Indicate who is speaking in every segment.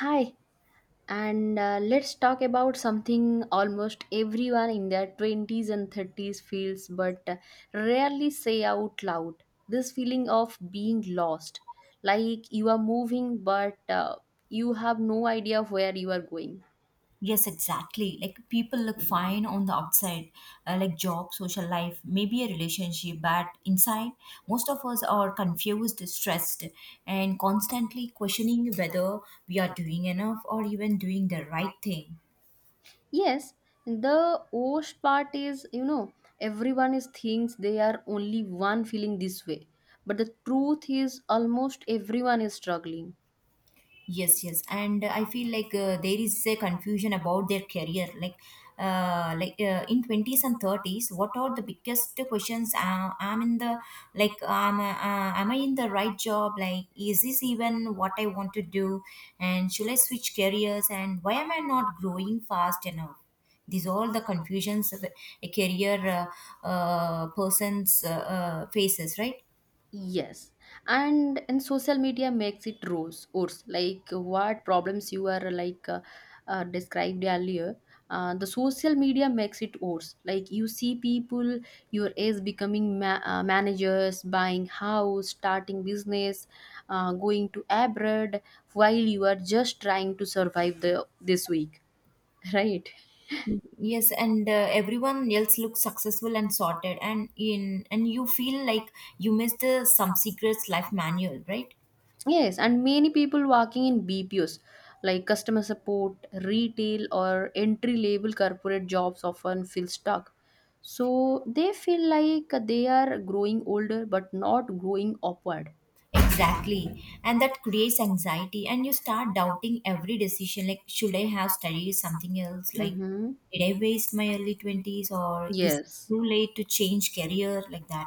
Speaker 1: Hi, and let's talk about something almost everyone in their 20s and 30s feels but rarely say out loud. This feeling of being lost, like you are moving but you have no idea where you are going.
Speaker 2: Yes, exactly. Like people look fine on the outside, like job, social life, maybe a relationship, but inside, most of us are confused, stressed, and constantly questioning whether we are doing enough or even doing the right thing.
Speaker 1: Yes, the worst part is, everyone is thinks they are only one feeling this way. But the truth is almost everyone is struggling.
Speaker 2: Yes, yes, and I feel like there is a confusion about their career. Like, in twenties and thirties, what are the biggest questions? I'm in the like, Am I in the right job? Like, is this even what I want to do? And should I switch careers? And why am I not growing fast enough? These all the confusions of a career person's faces, right?
Speaker 1: Yes, and social media makes it rose worse. Like what problems you are described earlier, the social media makes it worse. Like you see people your age becoming managers, buying house, starting business, going to abroad, while you are just trying to survive the this week, right?
Speaker 2: Yes, and everyone else looks successful and sorted and in and you feel like you missed the some secrets life manual, right?
Speaker 1: Yes, and many people working in BPOs like customer support, retail, or entry level corporate jobs often feel stuck. So they feel like they are growing older but not growing upward.
Speaker 2: Exactly, and that creates anxiety and you start doubting every decision. Like should I have studied something else? Like
Speaker 1: Mm-hmm.
Speaker 2: did I waste my early 20s or is it
Speaker 1: Yes,
Speaker 2: too late to change career, like that?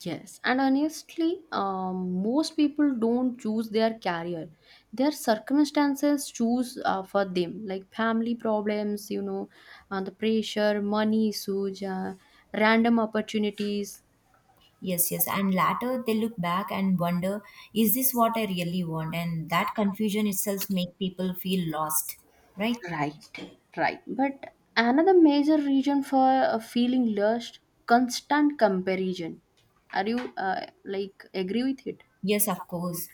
Speaker 1: yes. And honestly, most people don't choose their career. Their circumstances choose for them, like family problems, the pressure, money issues, random opportunities.
Speaker 2: Yes, yes, and later they look back and wonder, is this what I really want? And that confusion itself make people feel lost, right?
Speaker 1: But another major reason for feeling lost, constant comparison. Are you like agree with it?
Speaker 2: Yes, of course.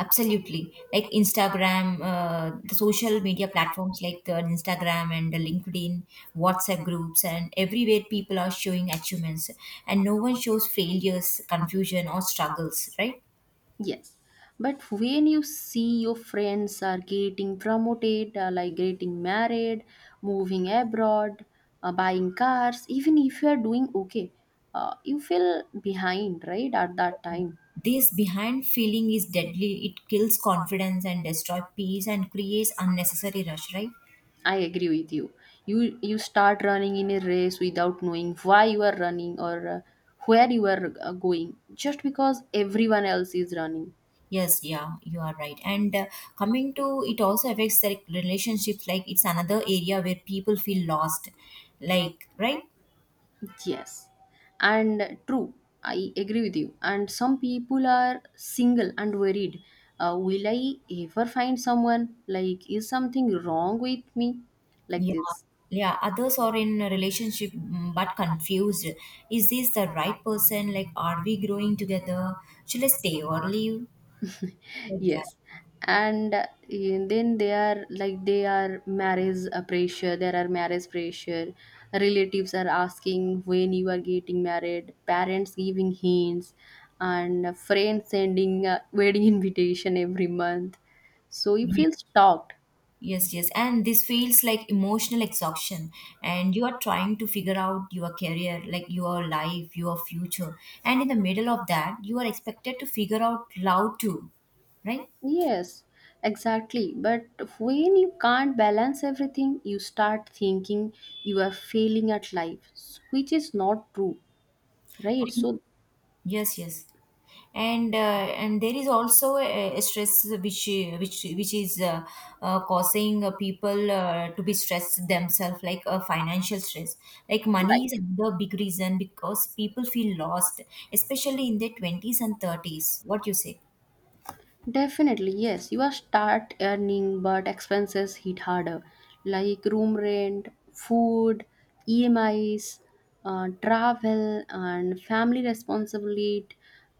Speaker 2: Absolutely. Like Instagram, the social media platforms like Instagram and the LinkedIn, WhatsApp groups, and everywhere people are showing achievements, and no one shows failures, confusion, or struggles, right?
Speaker 1: Yes. But when you see your friends are getting promoted, like getting married, moving abroad, buying cars, even if you are doing okay, you feel behind, right? At that time
Speaker 2: This behind feeling is deadly. It kills confidence and destroys peace and creates unnecessary rush, right?
Speaker 1: I agree with you. You start running in a race without knowing why you are running or where you are going just because everyone else is running.
Speaker 2: Yes, yeah, you are right. And coming to it also affects the relationships. Like it's another area where people feel lost, like, right.
Speaker 1: Yes. And true. I agree with you. And some people are single and worried. Will I ever find someone? Like is something wrong with me? Like
Speaker 2: Yeah,
Speaker 1: this.
Speaker 2: yeah. Others are in a relationship, but confused. Is this the right person? Like, are we growing together? Should I stay or leave? Like that.
Speaker 1: Yes. And Then they are like they are marriage pressure. There are marriage pressure. Relatives are asking when you are getting married. Parents giving hints, and friends sending wedding invitation every month. So you
Speaker 2: Ye-
Speaker 1: feel stalked.
Speaker 2: Yes, yes. And this feels like emotional exhaustion. And you are trying to figure out your career, like your life, your future. And in the middle of that, you are expected to figure out love too, right?
Speaker 1: Yes, exactly. But when you can't balance everything, you start thinking you are failing at life, which is not true, right? So
Speaker 2: Yes, yes, and there is also a stress which is causing people to be stressed themselves, like financial stress. Like money
Speaker 1: right.
Speaker 2: is the big reason because people feel lost, especially in their twenties and thirties. What you say?
Speaker 1: Definitely, yes. You are start earning, but expenses hit harder, like room rent, food, EMIs, travel, and family responsibilities,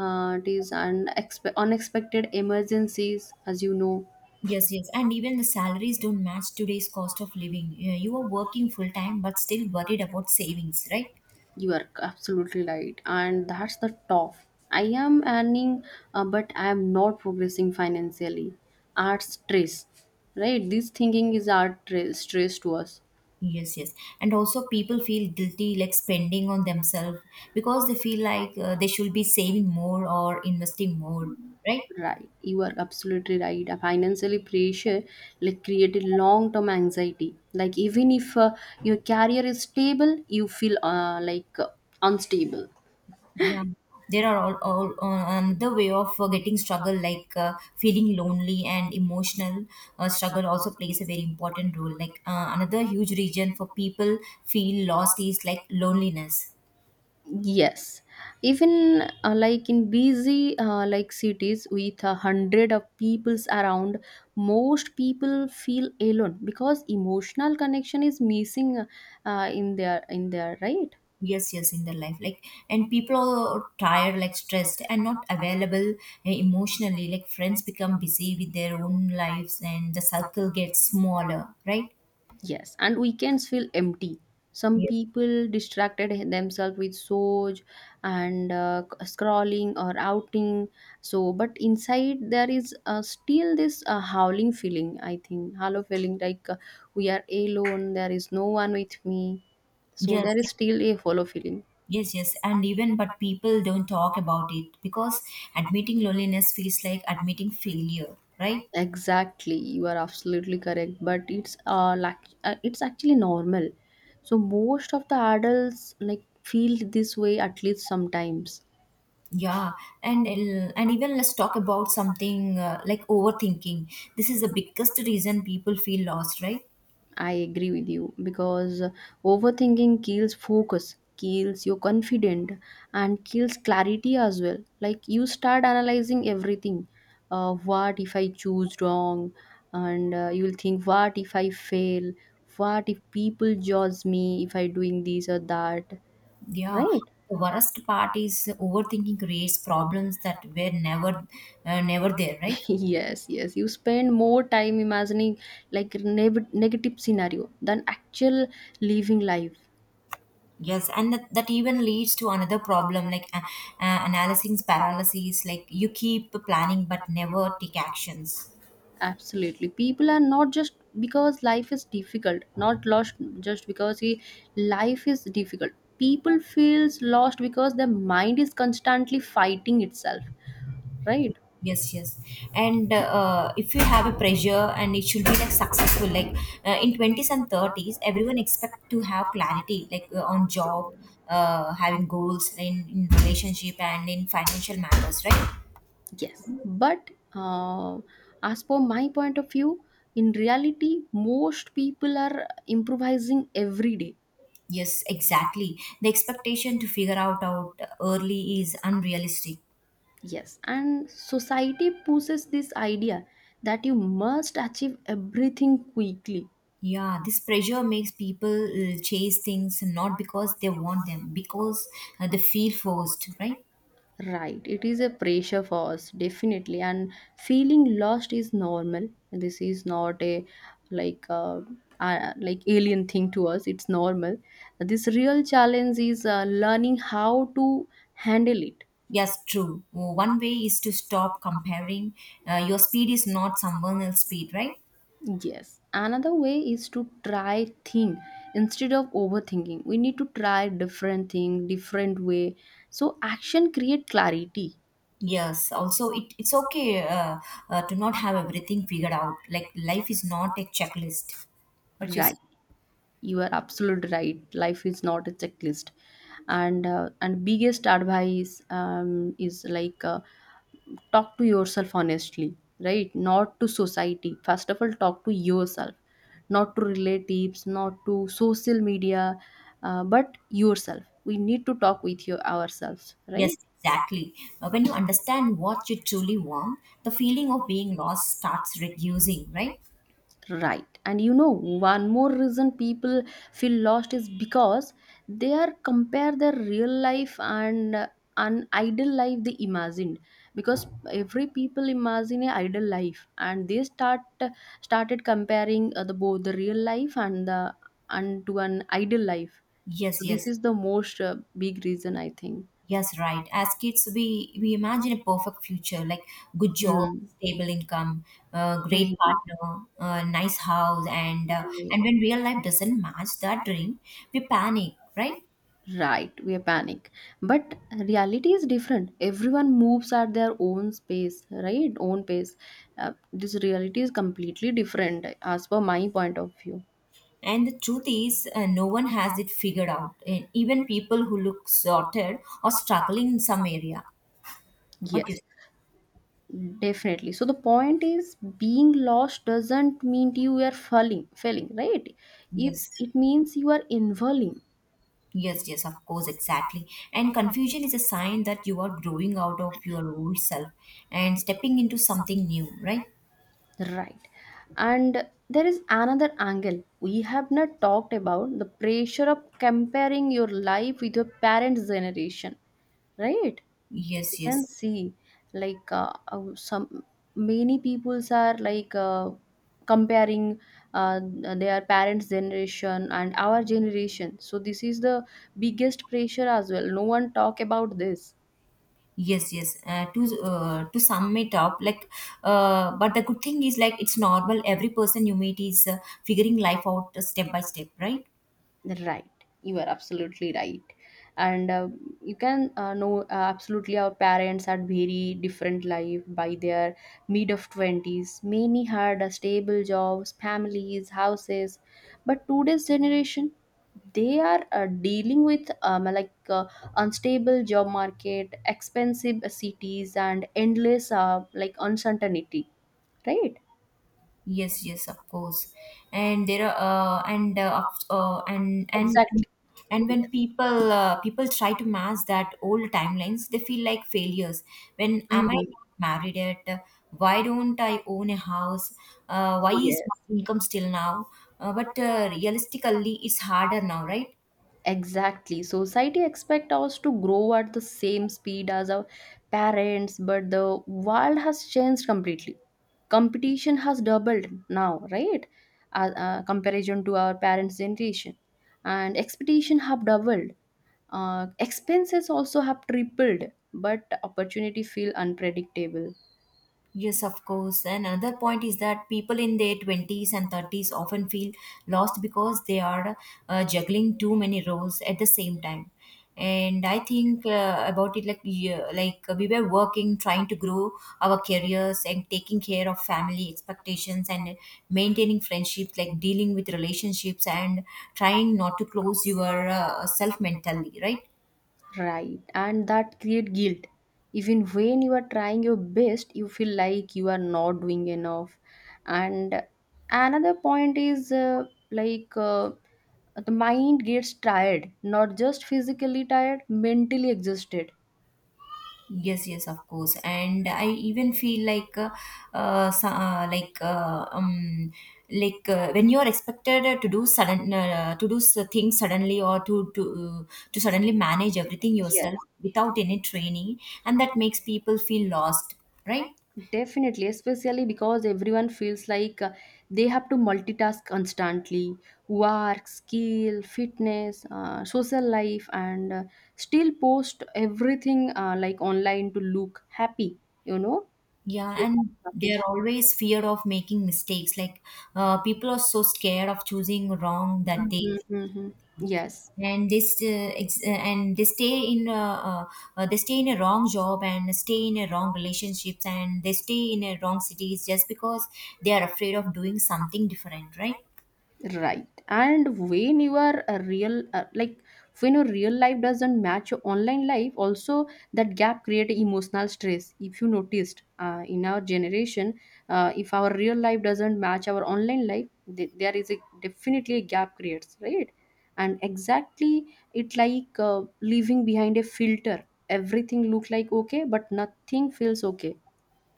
Speaker 1: it is and unexpected emergencies. As you know,
Speaker 2: Yes, yes, and even the salaries don't match today's cost of living. You are working full time, but still worried about savings, right?
Speaker 1: you are absolutely right, and that's the tough. I am earning, but I am not progressing financially. Art stress, right? This thinking is art stress to us.
Speaker 2: Yes, yes. And also, people feel guilty like spending on themselves because they feel like they should be saving more or investing more, right?
Speaker 1: Right, you are absolutely right. A financially pressure like created long term anxiety. Like even if your career is stable, you feel unstable.
Speaker 2: Yeah. There are all another way of getting struggle like feeling lonely and emotional struggle also plays a very important role. Like another huge region for people feel lost is like loneliness.
Speaker 1: Yes, even like in busy like cities with a hundred of peoples around, most people feel alone because emotional connection is missing in their in there, right?
Speaker 2: Yes, yes, in their life, like, and people are tired, like stressed and not available, emotionally. Like friends become busy with their own lives and the circle gets smaller, right?
Speaker 1: Yes, and weekends feel empty. Some
Speaker 2: Ye-
Speaker 1: people distracted themselves with Soj and scrolling or outing. So, but inside there is still this howling feeling. I think hollow feeling we are alone. There is no one with me. So
Speaker 2: yes,
Speaker 1: there is still a hollow feeling.
Speaker 2: yes and even but people don't talk about it because admitting loneliness feels like admitting failure, right?
Speaker 1: Exactly, you are absolutely correct. But it's actually normal. So most of the adults like feel this way at least sometimes.
Speaker 2: Yeah, and even let's talk about something like overthinking. This is the biggest reason people feel lost, right?
Speaker 1: I agree with you because overthinking kills focus, kills your confidence, and kills clarity as well. Like you start analyzing everything. What if I choose wrong? And you will think, what if I fail? What if people judge me if I doing this or that?
Speaker 2: Yeah,
Speaker 1: Right?
Speaker 2: the worst part is overthinking creates problems that were never there, right?
Speaker 1: Yes, yes. You spend more time imagining like negative scenario than actual living life.
Speaker 2: Yes, and that even leads to another problem, like analysis paralysis. Like you keep planning but never take actions.
Speaker 1: Absolutely. People are not just because life is difficult, not lost just because he, life is difficult. People feels lost because their mind is constantly fighting itself, right?
Speaker 2: Yes, yes, and if you have a pressure and it should be like successful, like in twenties and thirties, everyone expect to have clarity, like on job, having goals in relationship and in financial matters, right?
Speaker 1: But As per my point of view, in reality, most people are improvising every day.
Speaker 2: Yes, exactly. The expectation to figure out out early is unrealistic.
Speaker 1: Yes, and society pushes this idea that you must achieve everything quickly.
Speaker 2: Yeah, this pressure makes people chase things not because they want them, because they feel forced, right?
Speaker 1: Right, it is a pressure for us, definitely. And feeling lost is normal. This is not a like uh, like alien thing to us. It's normal. This real challenge is learning how to handle it.
Speaker 2: Yes, true. Well, one way is to stop comparing. Your speed is not someone else's speed, right?
Speaker 1: Yes. Another way is to try thing instead of overthinking. We need to try different thing, different way. So action create clarity.
Speaker 2: Yes, also it's okay to not have everything figured out. Like life is not a checklist. What you say?
Speaker 1: Right. You are absolutely right, life is not a checklist. And biggest advice is talk to yourself honestly, right? Not to society. First of all, talk to yourself, not to relatives, not to social media, but yourself. We need to talk with you ourselves,
Speaker 2: Yes,
Speaker 1: right?
Speaker 2: exactly. When you understand what you truly want, the feeling of being lost starts reducing, right?
Speaker 1: Right. And you know, one more reason people feel lost is because they are compare their real life and an ideal life they imagined, because every people imagine a ideal life and they started comparing the both the real life and the and to an ideal life,
Speaker 2: Yes,
Speaker 1: so this
Speaker 2: yes,
Speaker 1: is the most big reason I think.
Speaker 2: yes, right. As kids, we imagine a perfect future, like good job,
Speaker 1: Hmm.
Speaker 2: stable income, great
Speaker 1: Hmm.
Speaker 2: partner, nice house,
Speaker 1: Right.
Speaker 2: and when real life doesn't match that dream, we panic, right?
Speaker 1: Right, we panic. But reality is different. Everyone moves at their own space, right? Own pace. This reality is completely different as per my point of view.
Speaker 2: And the truth is, no one has it figured out. And even people who look sorted are struggling in some area. What you?
Speaker 1: Yes, definitely. So the point is being lost doesn't mean you are falling, failing, right? If
Speaker 2: Yes.
Speaker 1: it means you are involving,
Speaker 2: Yes, yes, of course, exactly. And confusion is a sign that you are growing out of your old self and stepping into something new, right?
Speaker 1: right? And there is another angle we have not talked about, the pressure of comparing your life with your parents' generation, right? You
Speaker 2: Yes,
Speaker 1: can
Speaker 2: yes.
Speaker 1: see some many peoples are comparing uh, their parents generation and our generation, so this is the biggest pressure as well, no one talk about this.
Speaker 2: Yes, yes. To sum it up, like, but the good thing is like it's normal. Every person you meet is figuring life out step by step, right?
Speaker 1: Right. You are absolutely right. And You can know absolutely our parents had very different life by their mid of 20s. Many had a stable jobs, families, houses. But today's generation, they are dealing with unstable job market, expensive cities and endless like uncertainty, right?
Speaker 2: Yes, yes, of course. And there are and of-
Speaker 1: Exactly.
Speaker 2: and when
Speaker 1: Yes.
Speaker 2: people try to match that old timelines, they feel like failures. When am I
Speaker 1: Mhm.
Speaker 2: not married yet? Why don't I own a house? Why is
Speaker 1: Yes.
Speaker 2: my income still now? But realistically, it's harder now, right?
Speaker 1: Exactly. Society expect us to grow at the same speed as our parents, but the world has changed completely. Competition has doubled now, right? Comparison to our parents' generation, and expectation have doubled. Expenses also have tripled, but opportunity feel unpredictable.
Speaker 2: Yes, of course. And another point is that people in their 20s and 30s often feel lost because they are juggling too many roles at the same time. And I think about it like, yeah, like we were working, trying to grow our careers and taking care of family expectations and maintaining friendships, like dealing with relationships and trying not to close your self mentally, right?
Speaker 1: Right, and that create guilt. Even when you are trying your best, you feel like you are not doing enough. And another point is like uh, the mind gets tired, not just physically tired, mentally exhausted.
Speaker 2: Yes, yes, of course. And I even feel like, so- like when you are expected to do things suddenly or to suddenly manage everything yourself
Speaker 1: Yes.
Speaker 2: without any training, and that makes people feel lost, right?
Speaker 1: Definitely, especially because everyone feels like they have to multitask constantly, work, skill, fitness, social life, and still post everything like online to look happy, you know?
Speaker 2: Yeah,
Speaker 1: So
Speaker 2: and they're
Speaker 1: happy.
Speaker 2: always fear of making mistakes. Like, people are so scared of choosing wrong that they
Speaker 1: Mhm, mhm. Yes.
Speaker 2: and they stay in they stay in a wrong job and stay in a wrong relationships and they stay in a wrong cities just because they are afraid of doing something different, right?
Speaker 1: Right, and when your real like when your real life doesn't match your online life also, that gap create emotional stress if you noticed in our generation, if our real life doesn't match our online life, there is a definitely a gap creates, right? And exactly, it leaving behind a filter, everything look like okay but nothing feels okay.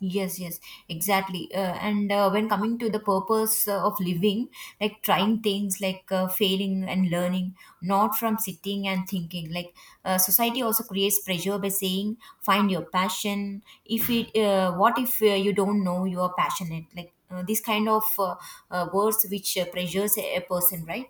Speaker 2: Yes, yes, exactly. And When coming to the purpose of living, like trying things, like failing and learning, not from sitting and thinking. Like society also creates pressure by saying, "Find your passion." If it, What if you don't know you are passionate? Like this kind of words which pressures a person, right?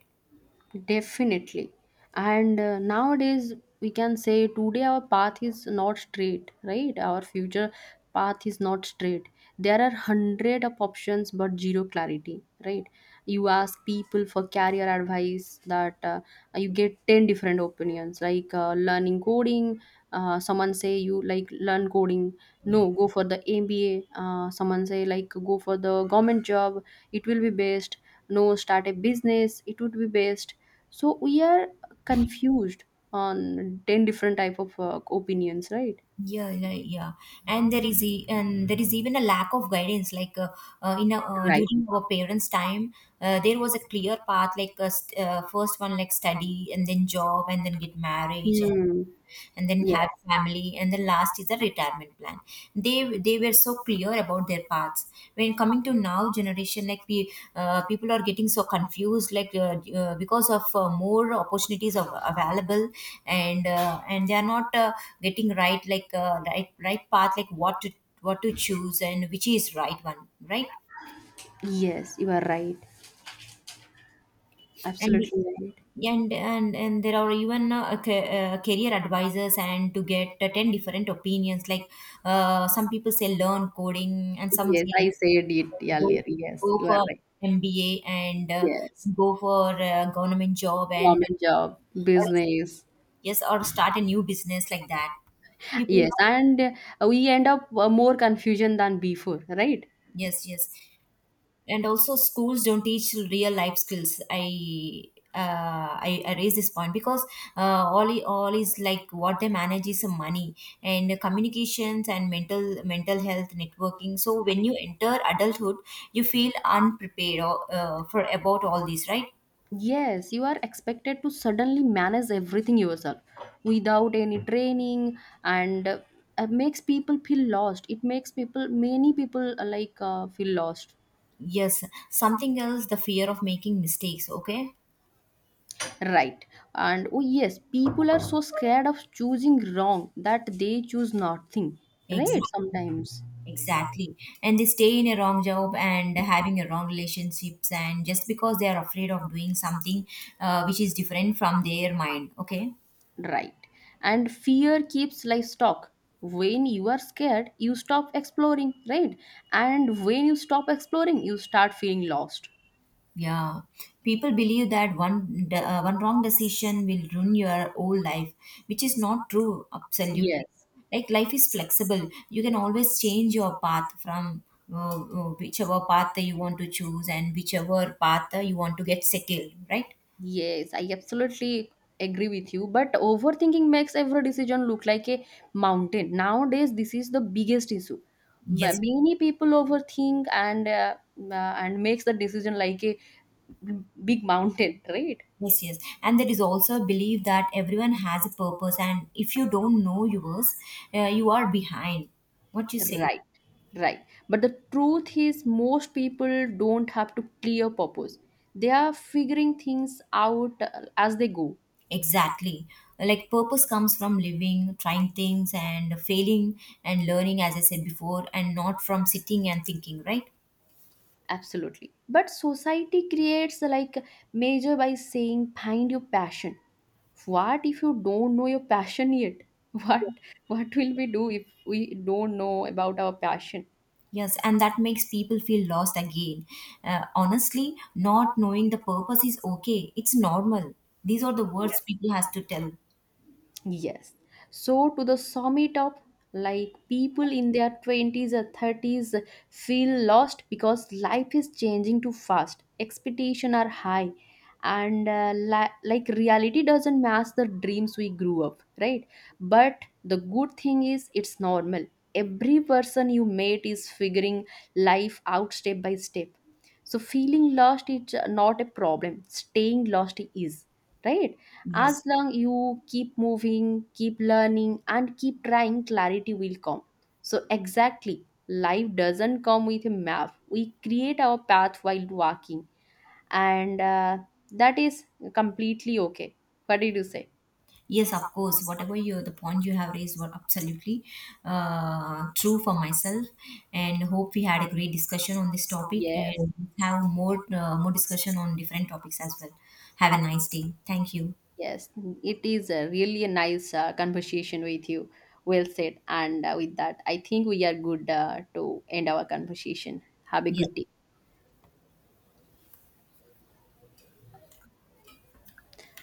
Speaker 1: Definitely. And nowadays, we can say today our path is not straight, right? Our future path is not straight. There are hundred of options, but zero clarity, right? You ask people for career advice that you get 10 different opinions, learning coding. Someone say you like learn coding. No, go for the MBA. Someone say like go for the government job. It will be best. No, start a business. It would be best, so we are confused on 10 different type of opinions, right?
Speaker 2: Yeah, and there is and there is even a lack of guidance, like
Speaker 1: Right.
Speaker 2: during our parents time, there was a clear path, like first one like study and then job and then get marriage,
Speaker 1: Hmm.
Speaker 2: and then have
Speaker 1: Yes.
Speaker 2: family and the last is the retirement plan. They were so clear about their paths. When coming to now generation, like we, people are getting so confused, like because of more opportunities of, available, and they are not getting right, like right path, like what to choose and which is right one, right?
Speaker 1: Yes, you are right,
Speaker 2: And
Speaker 1: absolutely right.
Speaker 2: there are even career advisors and to get 10 different opinions. Like some people say learn coding and some
Speaker 1: Yes,
Speaker 2: say
Speaker 1: I said it
Speaker 2: go
Speaker 1: earlier. Yes,
Speaker 2: go
Speaker 1: you are
Speaker 2: for
Speaker 1: right.
Speaker 2: MBA and
Speaker 1: Yes,
Speaker 2: go for a government job and
Speaker 1: government job
Speaker 2: or
Speaker 1: business.
Speaker 2: yes or start a new business, like that. People.
Speaker 1: Yes and uh, we end up more confusion than before, right?
Speaker 2: Yes, yes, and also schools don't teach real life skills. I raise this point because all is like what they manage is some money and communications and mental health networking. So when you enter adulthood, you feel unprepared for about all these, right?
Speaker 1: Yes, you are expected to suddenly manage everything yourself without any training, and it makes people feel lost. It makes people, many people feel lost.
Speaker 2: Yes, something else, the fear of making mistakes, okay?
Speaker 1: Right. And oh, yes, people are so scared of choosing wrong that they choose nothing.
Speaker 2: Exactly.
Speaker 1: Right, sometimes.
Speaker 2: Exactly. And they stay in a wrong job and having a wrong relationships and just because they are afraid of doing something which is different from their mind, okay?
Speaker 1: Right. And fear keeps life stuck. When you are scared, you stop exploring, right? And when you stop exploring, you start feeling lost.
Speaker 2: Yeah, people believe that one wrong decision will ruin your whole life, which is not true. Absolutely,
Speaker 1: Yes.
Speaker 2: like life is flexible. You can always change your path from whichever path that you want to choose and whichever path that you want to get settled, right?
Speaker 1: Yes, I absolutely agree with you. But overthinking makes every decision look like a mountain. Nowadays, this is the biggest issue. Ma-
Speaker 2: Yes,
Speaker 1: Many people overthink and makes the decision like a big mountain, right?
Speaker 2: yes, yes. And there is also a belief that everyone has a purpose, and if you don't know yours, you are behind. What you say?
Speaker 1: Right, right. But the truth is, most people don't have to clear purpose. They are figuring things out as they go.
Speaker 2: Exactly. Like purpose comes from living, trying things and failing and learning, as I said before, and not from sitting and thinking, right?
Speaker 1: Absolutely. But society creates a, like major by saying find your passion. What if you don't know your passion yet? What what will we do if we don't know about our passion?
Speaker 2: Yes, and that makes people feel lost again. Honestly, not knowing the purpose is okay. It's normal. These are the words
Speaker 1: Yes.
Speaker 2: people has to tell.
Speaker 1: Yes. So to the summit up, like people in their 20s or 30s feel lost because life is changing too fast. Expectations are high and like reality doesn't match the dreams we grew up, right? But the good thing is it's normal. Every person you meet is figuring life out step by step. So feeling lost is not a problem. Staying lost is, right?
Speaker 2: Yes.
Speaker 1: As long you keep moving, keep learning, and keep trying, clarity will come. So, exactly, life doesn't come with a map. We create our path while walking, and that is completely okay. What did you say?
Speaker 2: Yes, of course. Whatever you the point you have raised were absolutely true for myself, and hope we had a great discussion on this topic
Speaker 1: Yes,
Speaker 2: and have more discussion on different topics as well. Have a nice day. Thank you.
Speaker 1: yes, it is a really a nice conversation with you. Well said. And with that, I think we are good to end our conversation. Have a
Speaker 2: Yes.
Speaker 1: good day.